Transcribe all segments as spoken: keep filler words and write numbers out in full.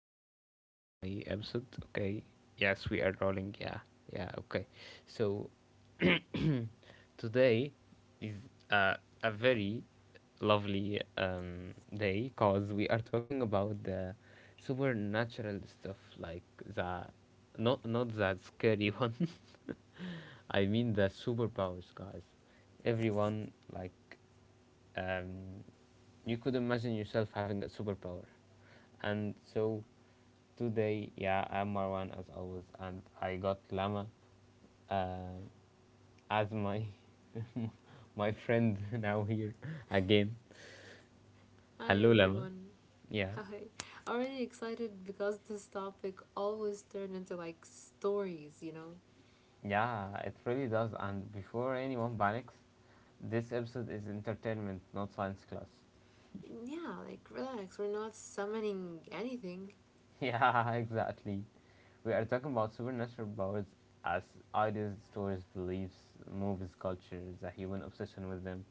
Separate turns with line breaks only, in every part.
Welcome back to my episode. Okay. Yes, we are rolling. Yeah. Yeah. Okay. So, today is uh, a very lovely um, day because we are talking about the supernatural stuff, like the not not that scary one. I mean the superpowers, guys. Everyone like um, you could imagine yourself having a superpower. And so today, yeah, I'm Marwan as always, and I got Lama uh, as my my friend now here again.
Hi
Hello, Lama.
everyone.
Yeah,
Hi. Already excited because this topic always turned into like stories, you know?
yeah, it really does. And before anyone panics, this episode is entertainment, not science class.
Yeah, like relax, we're not summoning anything.
Yeah, exactly. We are talking about supernatural powers as ideas, stories, beliefs, movies, cultures, a human obsession with them,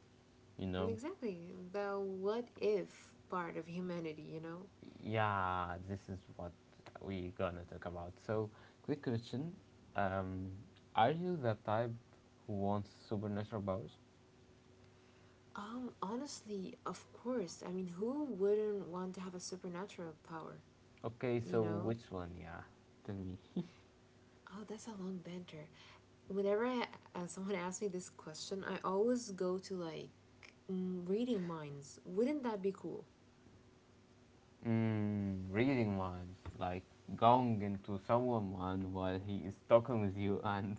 you know?
Exactly. The what if part of humanity, you know?
Yeah, this is what we gonna talk about. So, quick question. Um, are you the type who wants supernatural powers?
Um, honestly, of course. I mean, who wouldn't want to have a supernatural power,
Okay,
you
so
know?
which one, yeah? Tell me.
Oh, that's a long banter. Whenever I, uh, someone asks me this question, I always go to like mm, reading minds. Wouldn't that be cool?
Mm, reading minds, like going into someone mind while he is talking with you and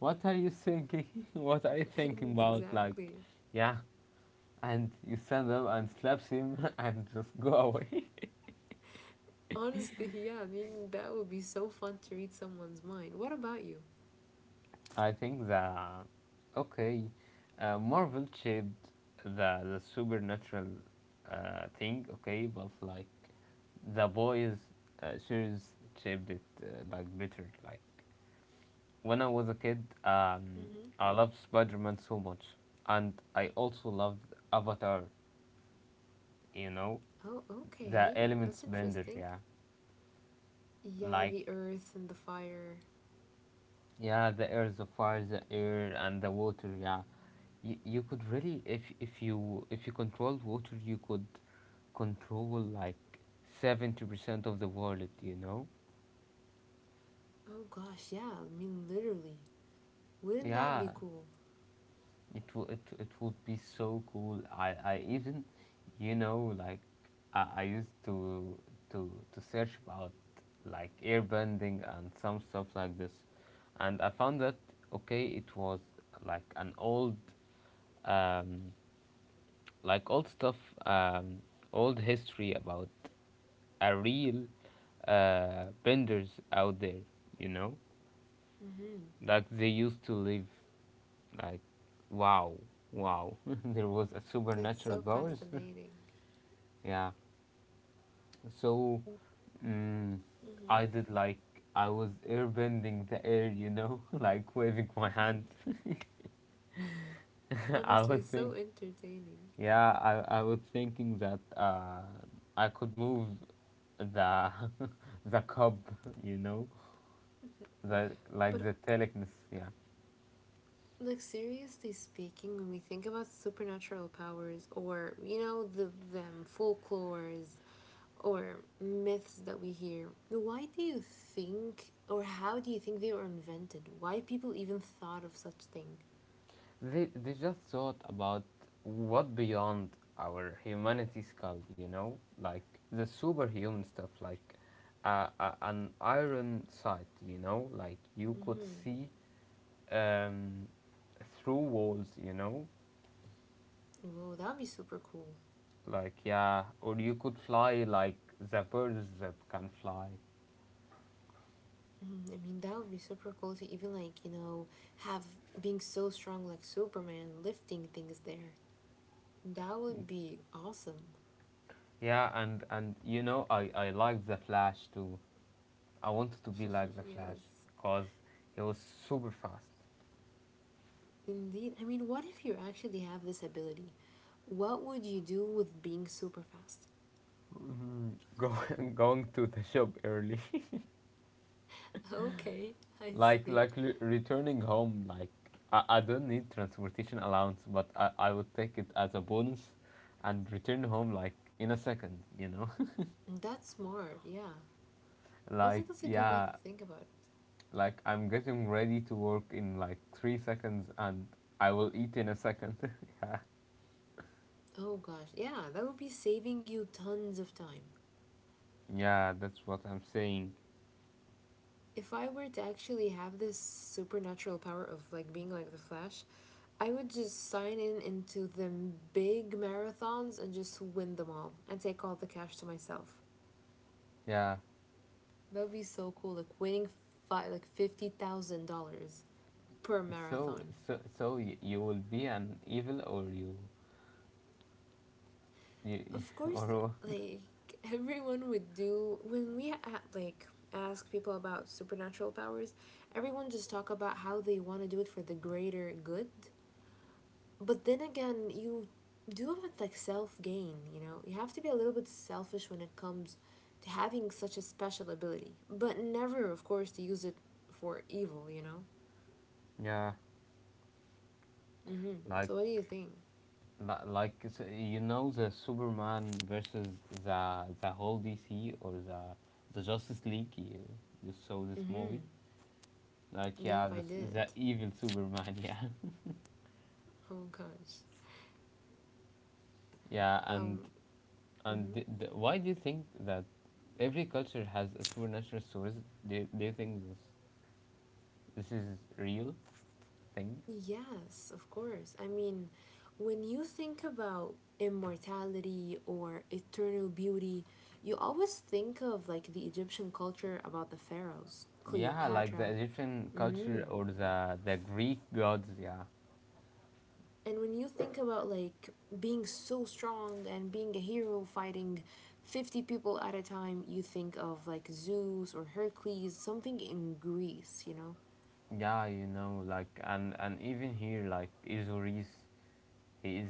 what are you thinking? What are you thinking about? Like,
Exactly.
yeah, and you stand up and slaps him and just go away.
Honestly, yeah, I mean, that would be so fun to read someone's mind. What about you?
I think that okay, uh, Marvel shaped the the supernatural uh, thing, okay, but like the boys uh, series shaped it uh, like better. Like when I was a kid, um,
Mm-hmm.
I loved Spider Man so much, and I also loved Avatar. You know,
Oh,
the
okay.
elements
That's
bender,
interesting.
yeah,
Yeah,
like
the earth and the fire.
yeah, the air, the fire, the air and the water. Yeah, you, you could really if if you if you controlled water, you could control like seventy percent of the world, you know.
Oh gosh, yeah, I mean, literally. Wouldn't that
Yeah,
be cool?
it will it, it would be so cool. I, I even, you know, like I, I used to to to search about like airbending and some stuff like this, and I found that okay, it was like an old um like old stuff, um old history about a real uh benders out there, you know?
Mm-hmm.
That they used to live like, wow, wow, there was a
It's
supernatural
so
powers.
fascinating.
Yeah, so, mm, I
Mm-hmm.
did like I was airbending the air, you know, like waving my hand. I
Honestly,
was
so
think
entertaining.
Yeah, I, I was thinking that uh, I could move the the cup, you know, the like
But,
the telekinesis. Yeah.
like, seriously speaking, when we think about supernatural powers or, you know, the them folklores or myths that we hear, why do you think or how do you think they were invented? Why people even thought of such thing?
They, they just thought about what beyond our humanity skull, you know, like the superhuman stuff, like uh, uh, an iron sight, you know, like you could
Hmm.
see um, through walls, you know,
Whoa, that would be super cool.
like yeah, or you could fly like the birds that can fly.
Mhm, I mean, that would be super cool to even like you know have being so strong like Superman lifting things there. That would be awesome.
Yeah, and and you know, I I like the Flash too. I wanted to be like the Flash
Yes,
because he was super fast.
indeed. I mean, what if you actually have this ability? What would you do with being super fast?
Mm, go, going to the shop early.
Okay, I
Like
see.
like re- returning home, like I, I don't need transportation allowance, but I, I would take it as a bonus and return home like in a second, you know.
That's smart, yeah. I think
Like
that's a good way to
yeah,
think about it.
like I'm getting ready to work in like three seconds, and I will eat in a second. Yeah.
Oh gosh, yeah, that would be saving you tons of time.
Yeah, that's what I'm saying.
If I were to actually have this supernatural power of like being like the Flash, I would just sign in into them big marathons and just win them all and take all the cash to myself.
Yeah,
That would be so cool, like winning fi- like fifty thousand dollars per
so
marathon.
so so y- you will be an evil or you, you
Of
or
course,
what?
like everyone would do when we a like ask people about supernatural powers, everyone just talk about how they want to do it for the greater good. But then again, you do have like self gain, you know? You have to be a little bit selfish when it comes to having such a special ability, but never, of course, to use it for evil, you know?
Yeah,
Mm-hmm.
like
So what do you think?
Li- like s- you know the Superman versus the the whole D C or the the Justice League. You, you saw this
Mm-hmm.
movie, like
Yep,
yeah,
I
the, s-
did.
the evil Superman. Yeah,
Oh gosh.
yeah, and
um
and
mhm.
th- th- why do you think that every culture has a supernatural source? Do you, do you think this this is real thing?
Yes, of course. I mean, when you think about immortality or eternal beauty, you always think of like the Egyptian culture about the pharaohs,
Yeah, like the
Cleopatra.
Egyptian
Mm.
culture or the the Greek gods. Yeah,
And when you think about like being so strong and being a hero fighting fifty people at a time, you think of like Zeus or Hercules, something in Greece, you know?
yeah, you know, like and and even here like Osiris. He is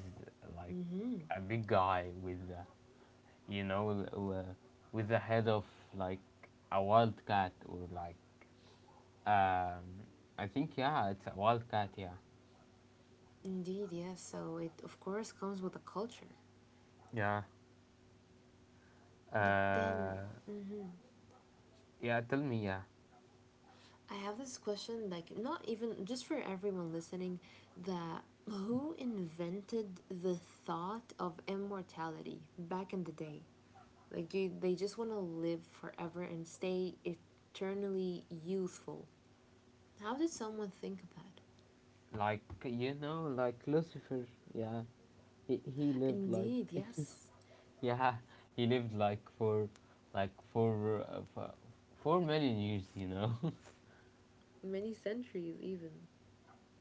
like
Mm-hmm.
a big guy with, uh, you know, uh, with the head of like a wildcat, or like, um, I think yeah, it's a wildcat. Yeah.
Indeed, yes. So it, of course, comes with a culture.
Yeah.
But then,
Uh,
mhm.
yeah. Tell me. Yeah.
I have this question, like, not even just for everyone listening, that who invented the thought of immortality back in the day? Like, do they just want to live forever and stay eternally youthful? How did someone think of that?
Like you know, like Lucifer. Yeah. He he lived like.
Indeed, yes.
Yeah. He lived like for, like for, uh, for four million years. You know.
Many centuries, even.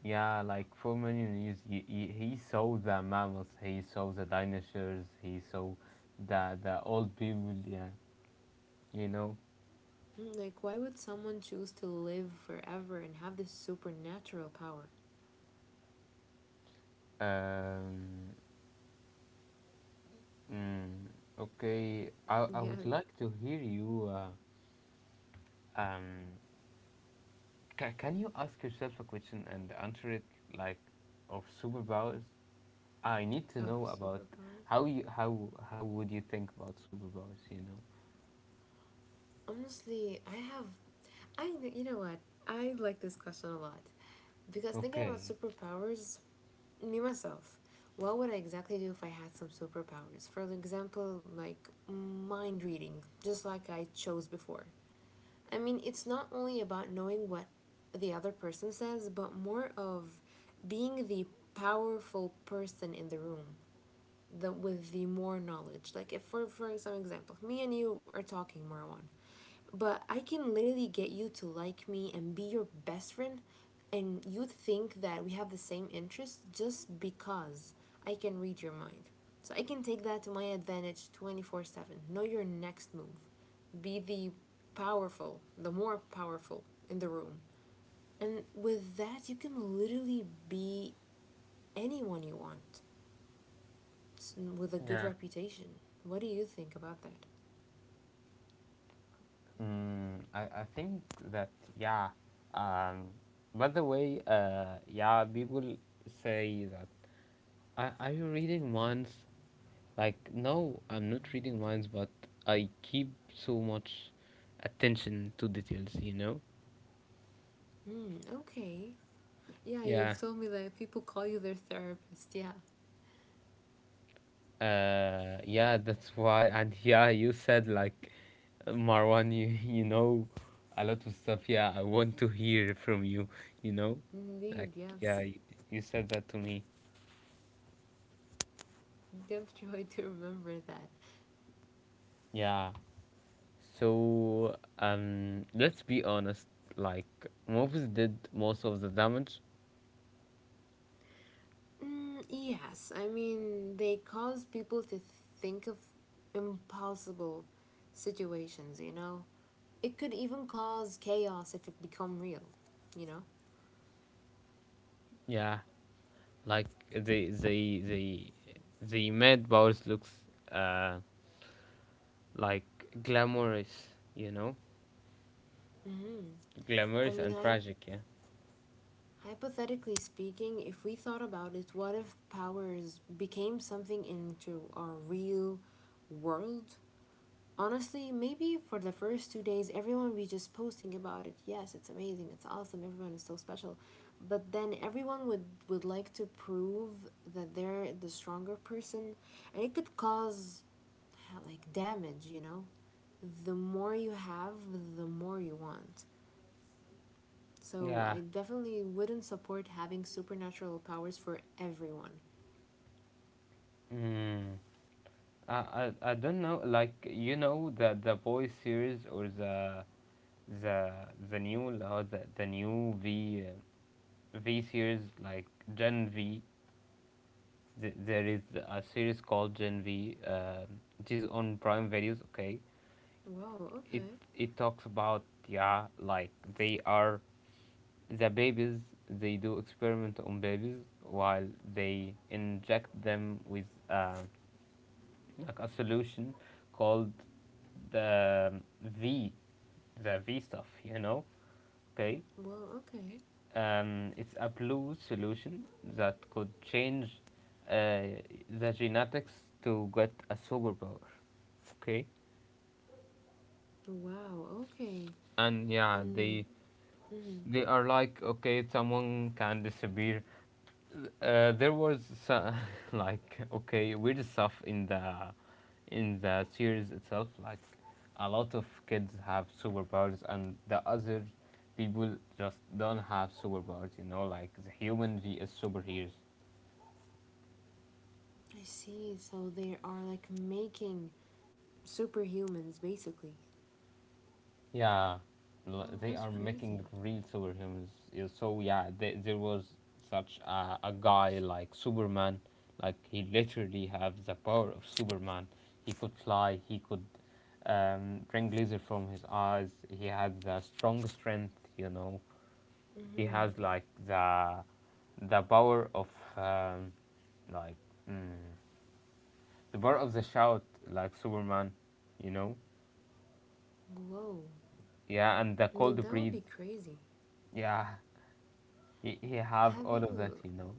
Yeah, like Forman Yunus, he, he, he saw the mammals, he saw the dinosaurs, he saw the the old people. Yeah, you know.
Like, why would someone choose to live forever and have this supernatural power?
Um, mm, okay, I I would
Yes.
like to hear you. Uh, um, ca- can you ask yourself a question and answer it like of superpowers? I need to
Oh,
know about
superpowers?
how you how how would you think about superpowers? You know.
Honestly, I have I, you know what? I like this question a lot because thinking about
Okay.
superpowers, me myself, what would I exactly do if I had some superpowers? For example, like mind reading, just like I chose before. I mean, it's not only about knowing what the other person says, but more of being the powerful person in the room, the, with the more knowledge. Like, if for for some example, me and you are talking, Marwan, but I can literally get you to like me and be your best friend, and you think that we have the same interests just because I can read your mind. So I can take that to my advantage twenty four seven. Know your next move. Be the powerful, the more powerful in the room. And with that, you can literally be anyone you want with a good
Yeah.
reputation. What do you think about that?
Mm, I, I think that yeah. Um, by the way, uh, yeah, people say that are, are you reading minds? Like, no, I'm not reading minds, but I keep so much attention to details. You know?
Mm, okay. Yeah,
Yeah.
you've told me that people call you their therapist. Yeah.
Uh, yeah, that's why. And yeah, you said like, uh, Marwan, you you know a lot of stuff. Yeah, I want to hear from you. You know, like
Indeed,
yeah,
yes.
you, you said that to me.
Good joy to remember that.
Yeah. So, um, let's be honest. Like movies did most of the damage.
Mm, yes, I mean, they cause people to think of impossible situations, you know? It could even cause chaos if it become real, you know?
Yeah, like they they they they made Bowers looks uh like glamorous. You know,
Hmm. I
glamorous
mean,
and
I
tragic. Yeah.
hypothetically speaking, if we thought about it, what if powers became something into our real world? Honestly, maybe for the first two days, everyone will be just posting about it. Yes, it's amazing, it's awesome, everyone is so special. But then everyone would, would like to prove that they're the stronger person, and it could cause like damage, you know? The more you have, the more you want. So
Yeah.
I definitely wouldn't support having supernatural powers for everyone.
Mm. I, I I don't know. Like you know the the boy series, or the the the new or the the new V uh, V series like Gen V. Th- there is a series called Gen V, um, which is on Prime Videos. Okay,
Wow,
it
okay.
it talks about, yeah, like they are the babies. They do experiment on babies while they inject them with uh, like a solution called the V, the V stuff. You know, okay,
Well, okay.
um, it's a blue solution that could change uh, the genetics to get a superpower. Okay,
Wow, okay.
and yeah,
And.
they
Mhm.
they are like okay, someone can disappear. Uh, there was so- like okay, weird stuff in the in the series itself. Like a lot of kids have superpowers, and the other people just don't have superpowers. You know, like the human vs superheroes.
I see. So they are like making superhumans basically.
Yeah, l-
Well,
they
that's
are
crazy.
making real superhumans. Yeah, so yeah, they, there was such a, a guy like Superman. Like he literally have the power of Superman. He could fly. He could um, bring laser from his eyes. He had the strong strength. You know, he
Mhm.
has like the the power of um, like mm, the power of the shout like Superman. You know,
Whoa.
yeah, and the
I mean,
cold
that would be
breathe.
crazy.
Yeah, He, he have
Have
all of that,
you
you know.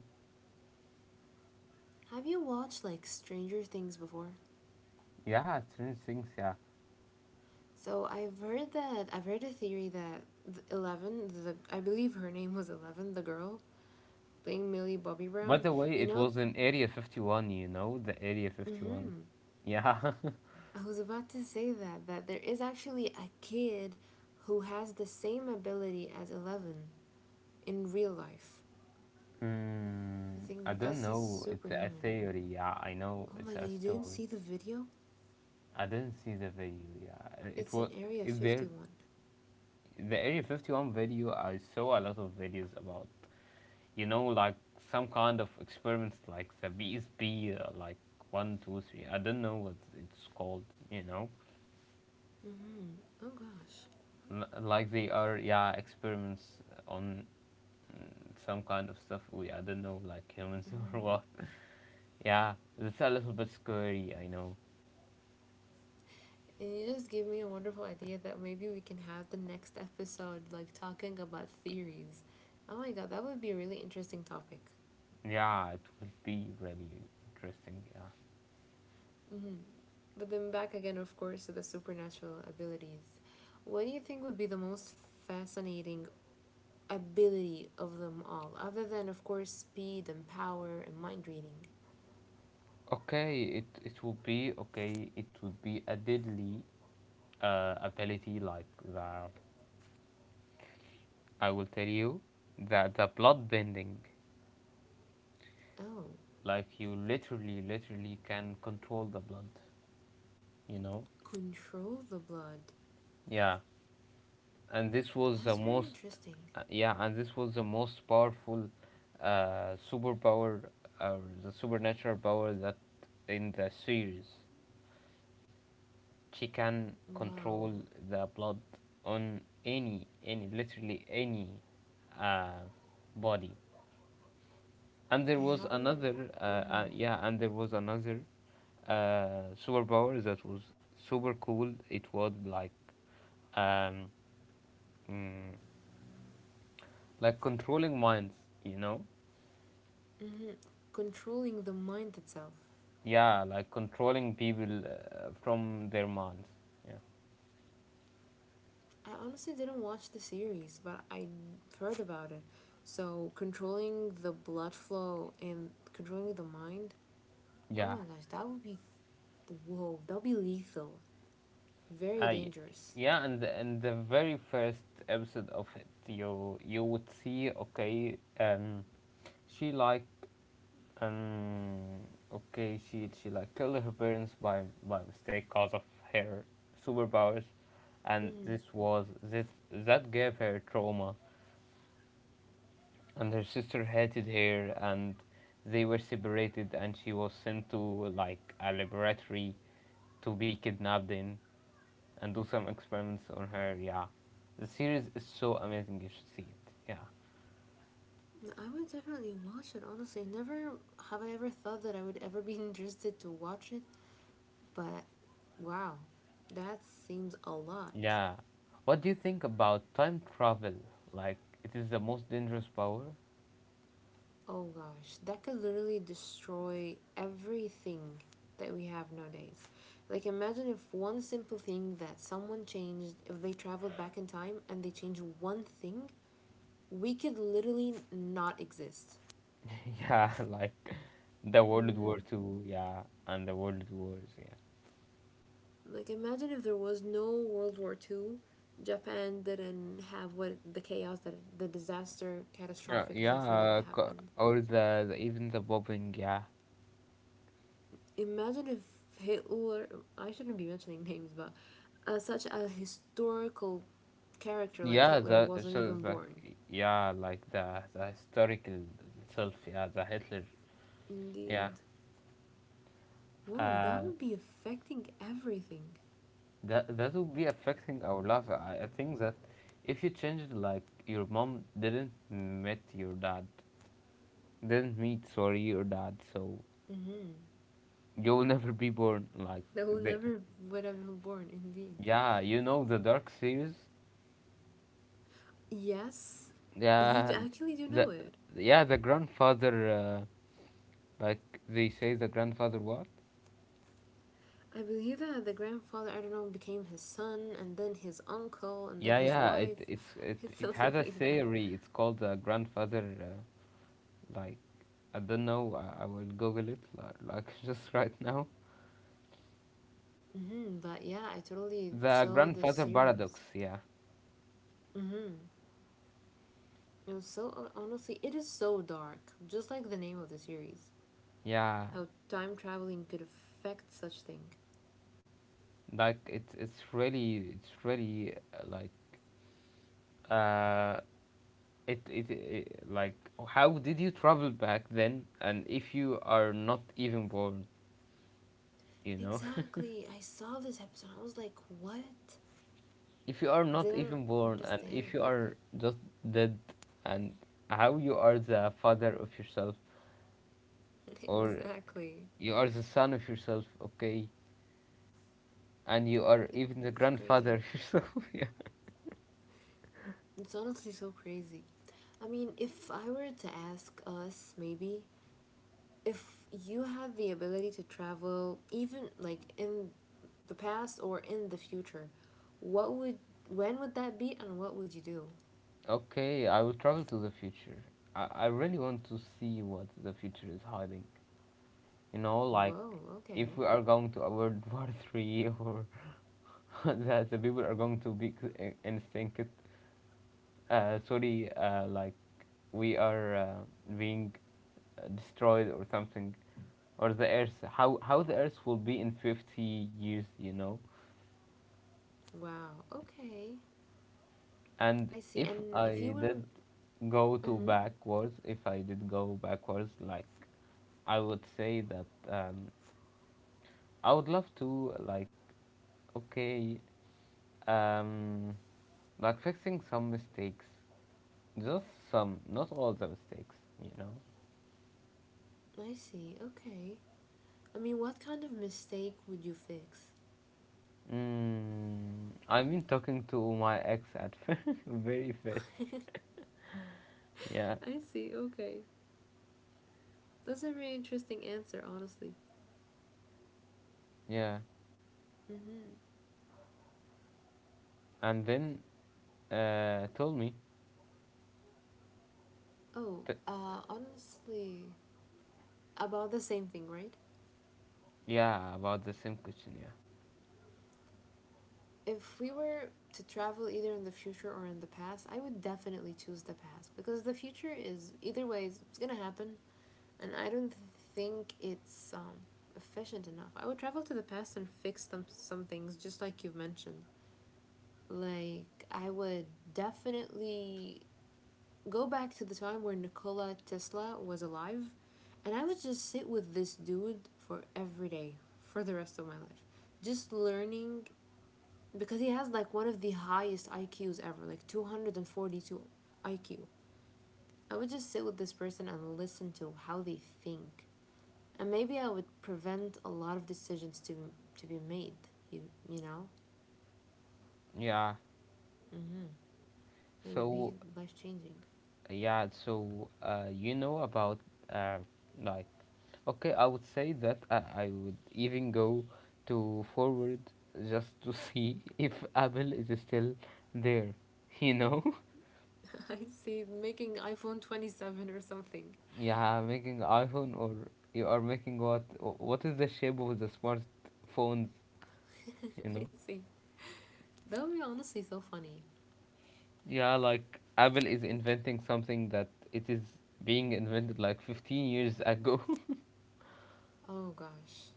have you watched like Stranger Things before?
Yeah, strange things, yeah.
So I've heard that I've heard a theory that Eleven, the I believe her name was Eleven, the girl playing Millie Bobby
By
Brown.
the way,
You
it
know,
was in Area fifty one, you know, the Area fifty one.
mhm.
Yeah.
I was about to say that that there is actually a kid who has the same ability as Eleven in real life.
Hmm,
I
I
think
don't
that's a
know. It's a
superhuman.
theory, yeah. I know
Oh
it's
my god,
a
you didn't
story.
see the video?
I didn't see the video, yeah. Uh, It
It's
was
in Area
if there
fifty one.
the Area fifty one video, I saw a lot of videos about, you know, like some kind of experiments like the B S B, uh, like one, two, three. I don't know what it's called, you know.
Mm-hmm. Oh gosh.
L- like they are, yeah, experiments on some kind of stuff. We I don't know, like humans or
Mm-hmm.
what. Yeah, it's a little bit scary. I know.
And you just gave me a wonderful idea that maybe we can have the next episode like talking about theories. Oh my god, that would be a really interesting topic.
Yeah, it will be really interesting. Yeah.
Mm-hmm. But then back again, of course, to the supernatural abilities. What do you think would be the most fascinating ability of them all, other than, of course, speed and power and mind reading?
Okay, it it will be okay. It would be a deadly uh, ability like that. I will tell you that the blood bending,
Oh.
like you literally literally can control the blood. You know.
Control the blood.
Yeah. and this was
That's
the
very
most
interesting.
uh, Yeah, and this was the most powerful uh, superpower, or the supernatural power that in the series she can
Wow.
control the blood on any any literally any uh, body. And there
I
was
haven't.
another uh,
Mm,
uh, yeah, and there was another uh, superpower that was super cool. It was like um, mm, like controlling minds, you know.
hmm. Controlling the mind itself.
Yeah, like controlling people uh, from their minds. Yeah.
I honestly didn't watch the series, but I heard about it. So, controlling the blood flow and controlling the mind. Oh
Yeah.
my gosh, that would be. Whoa, that would be lethal. Very
I
dangerous.
Yeah, and and the very first episode of it, you you would see okay, um, she like um okay, she she like killed her parents by by mistake cause of her superpowers, and
Hmm.
this was this that gave her trauma, and her sister hated her, and they were separated, and she was sent to like a laboratory to be kidnapped in, and do some experiments on her. Yeah, the series is so amazing, you should see it. Yeah.
I would definitely watch it. Honestly, never have I ever thought that I would ever be interested to watch it. But wow, that seems a lot.
Yeah, what do you think about time travel, like it is the most dangerous power?
Oh gosh, that could literally destroy everything that we have nowadays. Like, imagine if one simple thing that someone changed, if they traveled back in time and they changed one thing, we could literally not exist.
Yeah, like the world
Hmm.
war two, yeah, and the world wars. Yeah.
Like, imagine if there was no World War Two, Japan didn't have what the chaos that the disaster,
Yeah,
catastrophic
yeah,
disaster that
uh, co-
happened.
or the, the even the bombing, yeah.
Imagine if Hitler, I shouldn't be mentioning names, but uh, such a historical character like
Yeah,
Hitler
the
wasn't
so
even
it's
born.
like yeah, like the the historical itself, yeah, the Hitler, yeah.
Indeed. Whoa, that
Uh,
would be affecting everything.
that that will be affecting our life. I, I think that if you change it, like your mom didn't meet your dad, didn't meet, sorry, your dad, so
Mm-hmm.
you'll never be born. Like
That would
the
never would have been born, indeed.
yeah, you know the Dark series,
Yes, you
yeah,
actually do know
the
it.
yeah the grandfather, uh, like they say the grandfather what?
I believe that the grandfather, I don't know, became his son, and then his uncle, and then
Yeah,
his
yeah.
wife,
It it's it it
something
has a
like that.
theory. It's called the grandfather. Uh, like I don't know. I, I will Google it, like, like just right now.
Hmm. But yeah, I totally
The
saw this
grandfather
series.
paradox. Yeah,
Hmm. It was so, honestly, it is so dark, just like the name of the series.
yeah.
How time traveling could affect such thing.
Like it's it's really it's really uh, like uh it, it it like how did you travel back then? And if you are not even born, you know.
Exactly. I saw this episode. I was like, "What?"
If you are not
Didn't
even born, and
understand.
if you are just dead, and how you are the father of yourself, or
Exactly.
you are the son of yourself, okay, and you are
It
even the
was crazy.
grandfather of yourself, yeah.
It's honestly so crazy. I mean, if I were to ask us, maybe if you have the ability to travel, even like in the past or in the future, what would when would that be, and what would you do?
Okay, I will travel to the future. I, I really want to see what the future is hiding, you know like
Whoa,
if
okay.
we are going to a World war three, or that the people are going to be c- in- instinct, uh, sorry, uh, like we are uh, being uh, destroyed or something, or the Earth, how how the Earth will be in fifty years, you know.
Wow, okay. I
And
see.
if
And if you
I
were,
did go to
uh-huh,
backwards, if I did go backwards, like I would say that, um, I would love to, like, okay, um, like fixing some mistakes, just some, not all the mistakes, you know.
I see, okay. I mean, what kind of mistake would you fix?
Mm, I mean talking to my ex at very first. Yeah,
I see, okay. That's a very interesting answer, honestly.
yeah.
Mm-hmm.
And then, Uh, told me.
Oh,
T-
uh, honestly, about the same thing, right?
yeah, about the same question. Yeah.
If we were to travel either in the future or in the past, I would definitely choose the past because the future is either way, it's, it's gonna happen. And I don't think it's um, efficient enough. I would travel to the past and fix some some things, just like you've mentioned. Like I would definitely go back to the time where Nikola Tesla was alive, and I would just sit with this dude for every day for the rest of my life, just learning because he has like one of the highest I Qs ever, like two hundred and forty two I Q. I would just sit with this person and listen to how they think and maybe I would prevent a lot of decisions to to be made. You you know,
Yeah.
it would be
So
life changing.
yeah. So uh, you know about, uh, like okay, I would say that, I, I would even go to forward just to see if Apple is still there. You know.
I see making iPhone twenty seven or something.
yeah, making iPhone, or you are making what? What is the shape of the smartphones? You
I
know.
see that would be honestly so funny.
Yeah, like Apple is inventing something that it is being invented like fifteen years ago.
Oh gosh.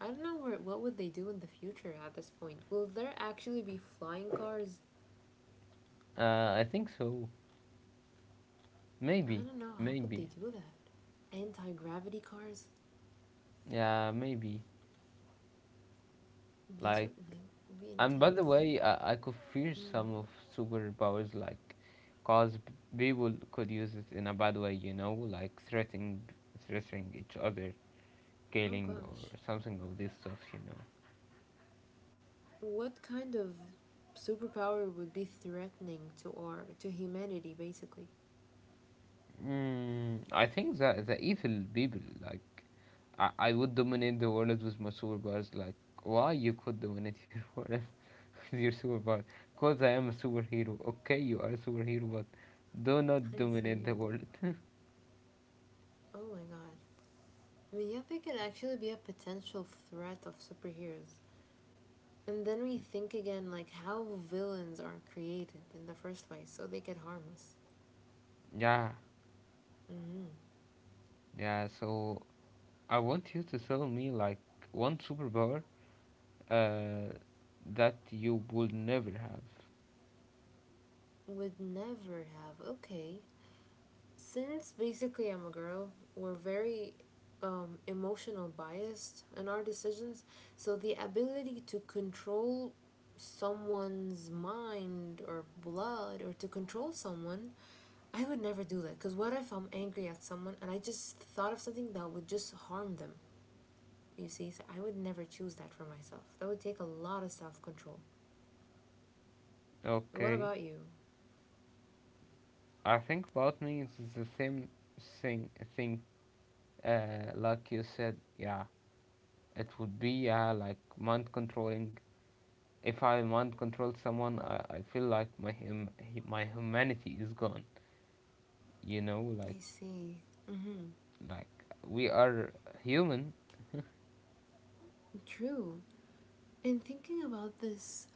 I don't know where, what would they do in the future at this point. Will there actually be flying cars?
uh, I think so.
I
Maybe,
don't know. How would they
maybe.
do that? Anti gravity cars?
Yeah, maybe.
That's
Like,
what that would be
and by the
intense.
way, I, I could fear
Mm.
some of superpowers, like, cause p- people could use it in a bad way, you know, like threatening, threatening each other,
Oh
killing or
gosh.
something of this stuff, you know.
What kind of superpower would be threatening to our to humanity basically?
Mm, I think that the evil people, like, I, I would dominate the world with my superpowers. Like, why you could dominate your world with your superpower? Cause I am a superhero. Okay, you are a superhero, but do not
I
dominate
see.
the world.
Oh my god. I mean, yeah, they could actually be a potential threat of superheroes. And then we think again, like how villains are created in the first place, so they could harm us.
yeah,
Mm-hmm.
yeah. So I want you to tell me, like, one superpower, uh, that you will never have.
Would never have. Okay, since basically I'm a girl, we're very um, emotional biased in our decisions. So the ability to control someone's mind or blood or to control someone, I would never do that. Because what if I'm angry at someone and I just thought of something that would just harm them? You see, so I would never choose that for myself. That would take a lot of self control. What
Okay,
about you?
I think about me is the same thing. Thing uh, like you said. Yeah, it would be, yeah, like mind controlling. If I mind control someone, I, I feel like my hum- hu- my humanity is gone. You know, like
I see. Mm-hmm.
like we are human.
True. And thinking about this,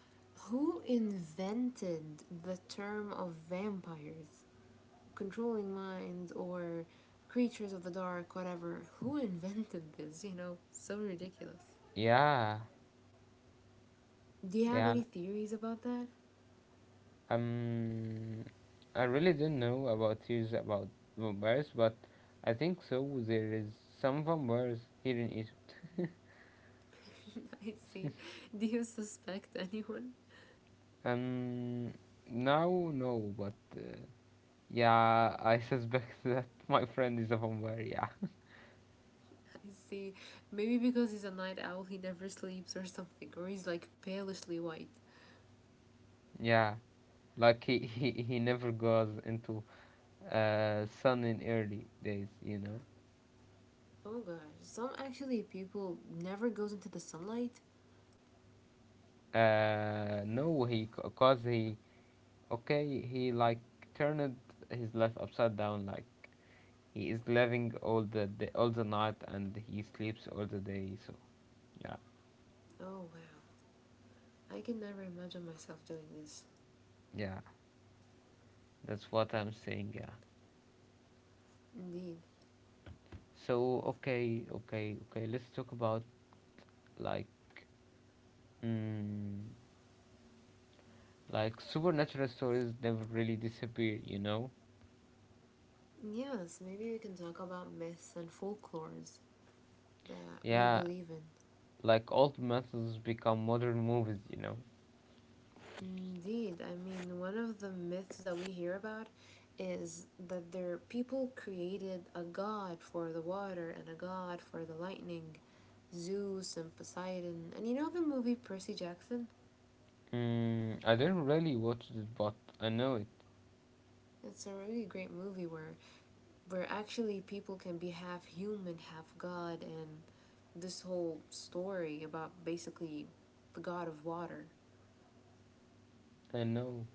who invented the term of vampires? Controlling minds or creatures of the dark, whatever. Who invented this? You know, so ridiculous.
Yeah,
Do you have
yeah.
any theories about that?
Um, I really don't know about theories about vampires, but I think so. There is some vampires here in Egypt.
I see. Do you suspect anyone?
Um, Now, no, but uh, yeah, I suspect that my friend is a vampire. Yeah,
I see. Maybe because he's a night owl, he never sleeps or something, or he's like palishly white.
yeah. Like he he, he never goes into uh, sun in early days, you know.
Oh gosh, some actually people never goes into the sunlight.
Uh, no, he, cause he, okay, he, like, turned his life upside down. Like he is living all the day, all the night, and he sleeps all the day. So yeah,
Oh wow. I can never imagine myself doing this.
yeah, that's what I'm saying. Yeah.
Indeed.
So okay, okay, okay, let's talk about, like, mm, like supernatural stories never really disappear. You know.
Yes, maybe we can talk about myths and folklores that we
Yeah,
believe in.
like old methods become modern movies, you know.
Indeed, I mean, one of the myths that we hear about is that there people created a god for the water and a god for the lightning, Zeus and Poseidon. And you know the movie Percy Jackson?
Mm, I didn't really watch it, but I know it.
It's a really great movie where where actually people can be half human, half God, and this whole story about basically the god of water.
I know.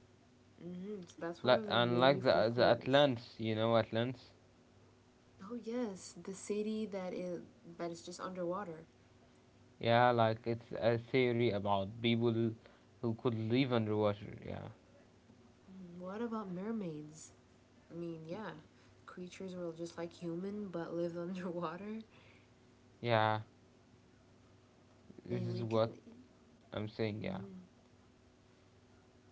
Hmm. So that's one of
Like,
the
and
many
like the the
folklores.
Atlantis, you know Atlantis.
Oh yes, the city that is that is just underwater.
Yeah, like it's a theory about people who could live underwater. Yeah,
Mm-hmm. What about mermaids? I mean, yeah, creatures who are just like human but live underwater,
yeah. This
and
is
we
what
can.
I'm saying. Yeah.
Mhm.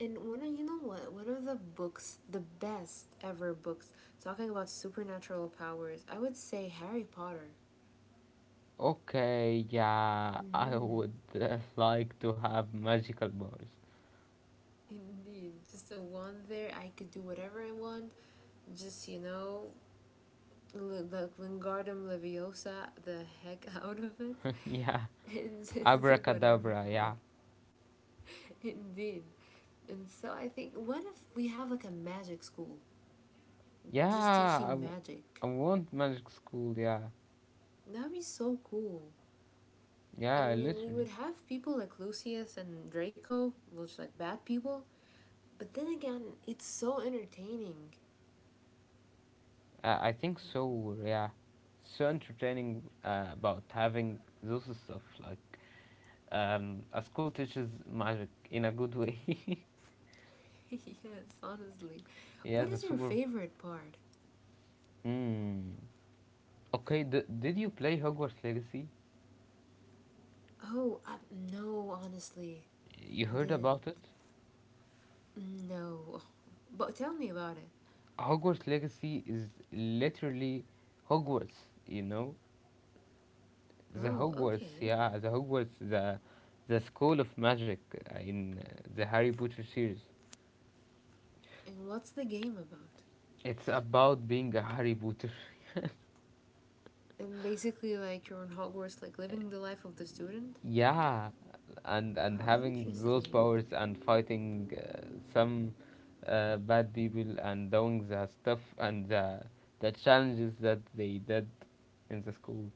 And one of you know what, one of the books, the best ever books talking about supernatural powers, I would say Harry Potter.
Okay. Yeah, I
Mm-hmm.
would, uh, like to have magical powers.
Indeed, just the one there, I could do whatever I want, just, you know l- the Lingardum Leviosa the heck out of it,
yeah,
and just do whatever
abracadabra.
I want.
Yeah,
Indeed. And so I think, what if we have like a magic school just
yeah. I,
teaching
w-
magic?
I want magic school. Yeah,
That'd be so cool. I
Yeah,
mean, we would
literally.
have people like Lucius and Draco, which like bad people. But then again, it's so entertaining.
Uh, I think so. Yeah, so entertaining, uh, about having those stuff, like, um, a school teaches magic in a good way.
yes, honestly.
yeah,
What
the
is your
super.
favorite part?
Mm. Okay, d- did you play Hogwarts Legacy?
Oh, I, no, honestly,
You heard
didn't.
about it?
No, but tell me about it.
Hogwarts Legacy is literally Hogwarts. You know, the
Oh,
Hogwarts.
okay.
Yeah, the Hogwarts. The the school of magic, uh, in, uh, the Harry Potter series.
And what's the game about?
It's about being a Harry Potter.
And basically, like you're in Hogwarts, like living the life of the student.
Yeah, and and
Oh,
having those
interesting.
powers and fighting, uh, some, uh, bad people and doing the stuff and the the challenges that they did in the school.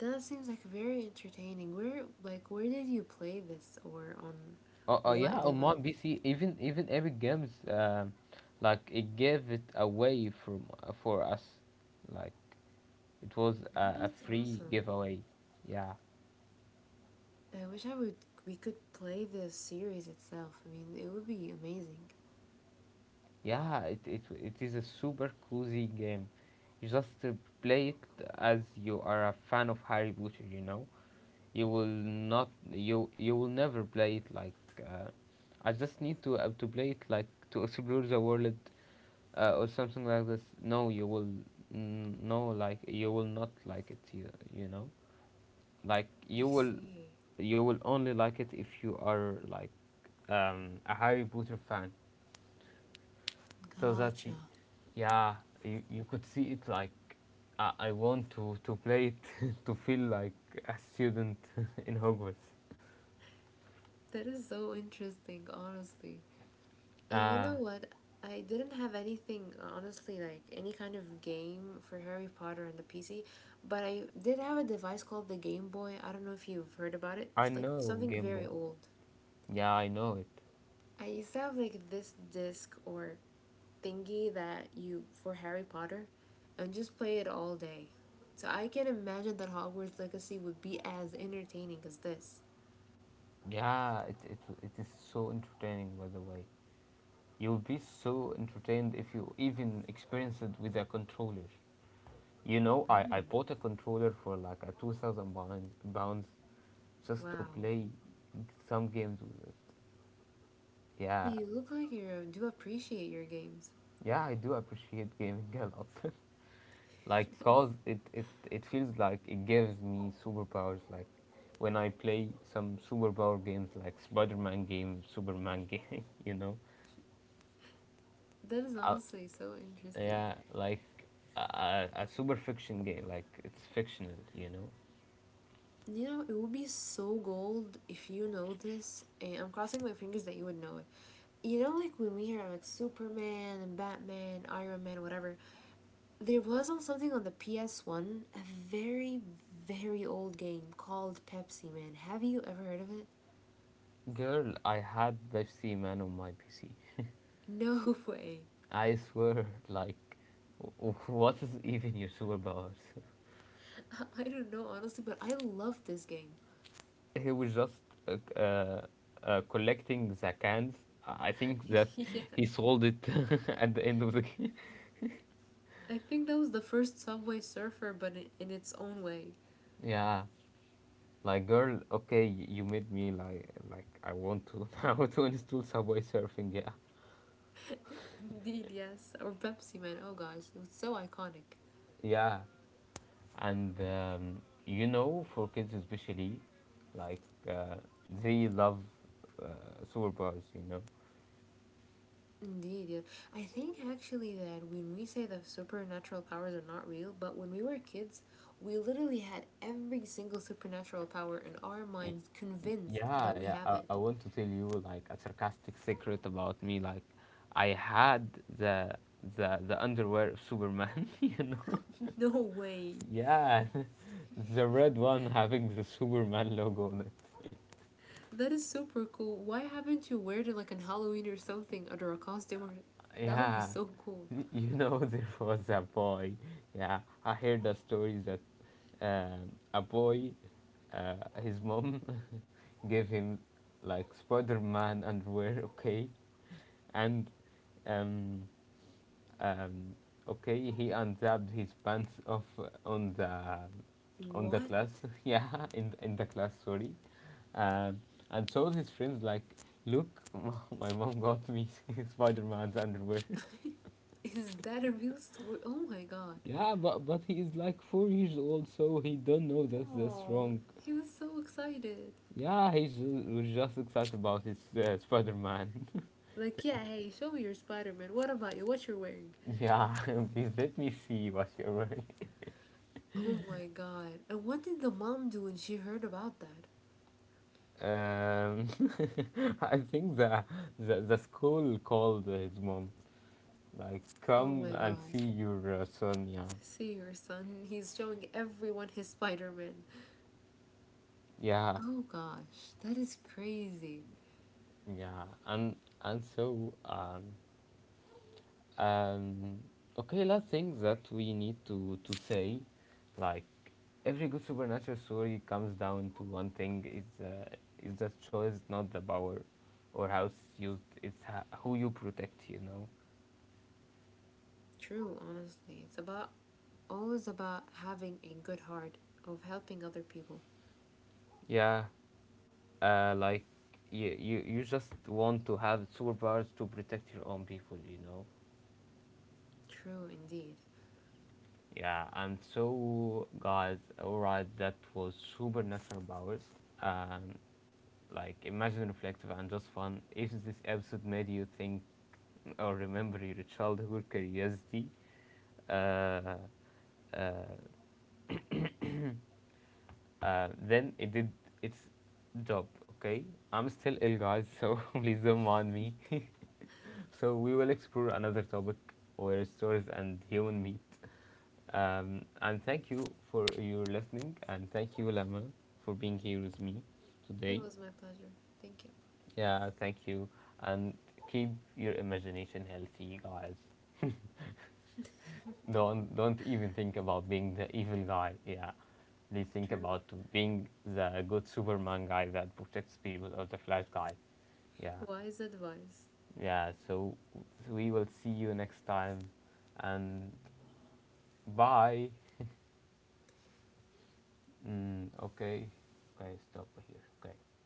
That seems like very entertaining. Where, like, where did you play this, or on
Oh, oh yeah,
what
on my
device?
P C, even even Epic Games, um like it gave it away from for us, like it was a,
Oh,
a
that's
free
awesome.
giveaway. Yeah.
I wish I would, we could play the series itself. I mean, it would be amazing.
Yeah, it, it, it is a super cozy game. You just, uh, play it as you are a fan of Harry Potter, you know. You will not, you you will never play it, like, uh, I just need to uh, to play it, like, to explore the world, uh, or something like this. No, you will n- no, like you will not like it you, you know. Like
I
you will
see.
you will only like it if you are, like, um, a Harry Potter fan. So that
Gotcha.
y- yeah you, you could see it, like, I, I want to to play it to feel like a student in Hogwarts.
That is so interesting, honestly. And you know
Ah,
what? I didn't have anything, honestly, like any kind of game for Harry Potter on the P C, but I did have a device called the Game Boy. I don't know if you've heard about it.
I
It's like
know
something
Game
very
Boy.
old.
Yeah, I know it.
I used to have like this disc or thingy that you for Harry Potter, and just play it all day. So I can imagine that Hogwarts Legacy would be as entertaining as this.
Yeah, it, it it is so entertaining. By the way, you'll be so entertained if you even experience it with a controller. You know, I, I
Mm,
bought a controller for like a two thousand pounds pounds just to
wow.
play some games with it. Yeah.
You look like you do appreciate your games.
Yeah, I do appreciate gaming a lot. like, cause it, it it feels like it gives me superpowers. Like, when I play some superpower games, like Spider-Man game, Superman game, you know.
that is
Uh,
honestly so interesting.
yeah, like a, a super fiction game. Like, it's fictional, you know.
You know, it would be so gold if you know this, and I'm crossing my fingers that you would know it. You know, like when we hear like Superman and Batman, Iron Man, whatever, there was also something on the P S one, a very, very old game called Pepsi Man. Have you ever heard of it?
Girl, I had Pepsi Man on my P C.
No way.
I swear, like, w- w- what is even your superpowers?
I don't know, honestly, but I love this game.
He was just uh, uh, uh, collecting the cans. I think that
yes.
he sold it at the end of the game.
I think that was the first Subway Surfer, but in, in its own way.
yeah, like girl, okay, you made me like like I want to now to install Subway Surfing. Yeah,
Indeed, yes. Or Pepsi Man. Oh gosh, it was so iconic.
yeah, and um, you know, for kids especially, like, uh, they love, uh, superpowers. You know,
Indeed, yeah. I think actually that when we say that supernatural powers are not real, but when we were kids, we literally had every single supernatural power in our minds convinced that
Yeah,
we
yeah.
have
I, I
it.
want to tell you, like, a sarcastic secret about me. Like, I had the the the underwear of Superman. You know?
No way.
Yeah, the red one having the Superman logo on it.
That is super cool. Why haven't you wear it like on Halloween or something under a costume, or that would be
Yeah,
so cool.
Y- you know there was a boy. Yeah, I heard a story that, um, a boy, uh, his mom, gave him, like, Spider-Man underwear. Okay, and, um, Um, okay, he unzipped his pants off on the on the
What?
class. yeah, in in the class. Sorry. Um, and showed his friends, like, look, my mom got me Spider Man's underwear.
Is that a real story? Oh my god.
yeah, but but he is like four years old, so he don't know that's that's
Oh,
wrong.
he was so excited.
Yeah, he ju- was just excited about his uh, Spider Man.
Like, yeah, hey, show me your Spider Man. What about you? What you're wearing?
yeah, please let me see what you're wearing.
Oh my god. And what did the mom do when she heard about that?
Um, I think the, the the school called his mom, like,
Oh my
come and
god.
see your uh, son. Yeah,
See your son, he's showing everyone his Spider Man.
yeah,
Oh gosh, that is crazy.
yeah. And and so um um okay, last thing that we need to to say, like, every good supernatural story comes down to one thing: is uh, is the choice, not the power, or how it's used. It's ha- who you protect. You know.
True, honestly. It's about always about having a good heart of helping other people.
Yeah. Uh, like you, you you just want to have superpowers to protect your own people you know
True indeed.
Yeah, and so, guys, all right, that was supernatural powers, um like imagine reflective and just fun if this episode made you think or remember your childhood curiosity, uh, uh, uh, then it did its job. Okay. I'm still ill, guys, so please don't mind me. So we will explore another topic where stories and human meet. Um, and thank you for your listening, and thank you, Lama, for being here with me
It
today.
was my pleasure. Thank you.
Yeah, thank you, and keep your imagination healthy, guys. Don't don't even think about being the evil guy. Yeah, please think
True.
about being the good Superman guy that protects people, or the Flash guy. Yeah,
Wise advice.
yeah. So we will see you next time, and bye. Mm, okay, okay, stop here. Okay.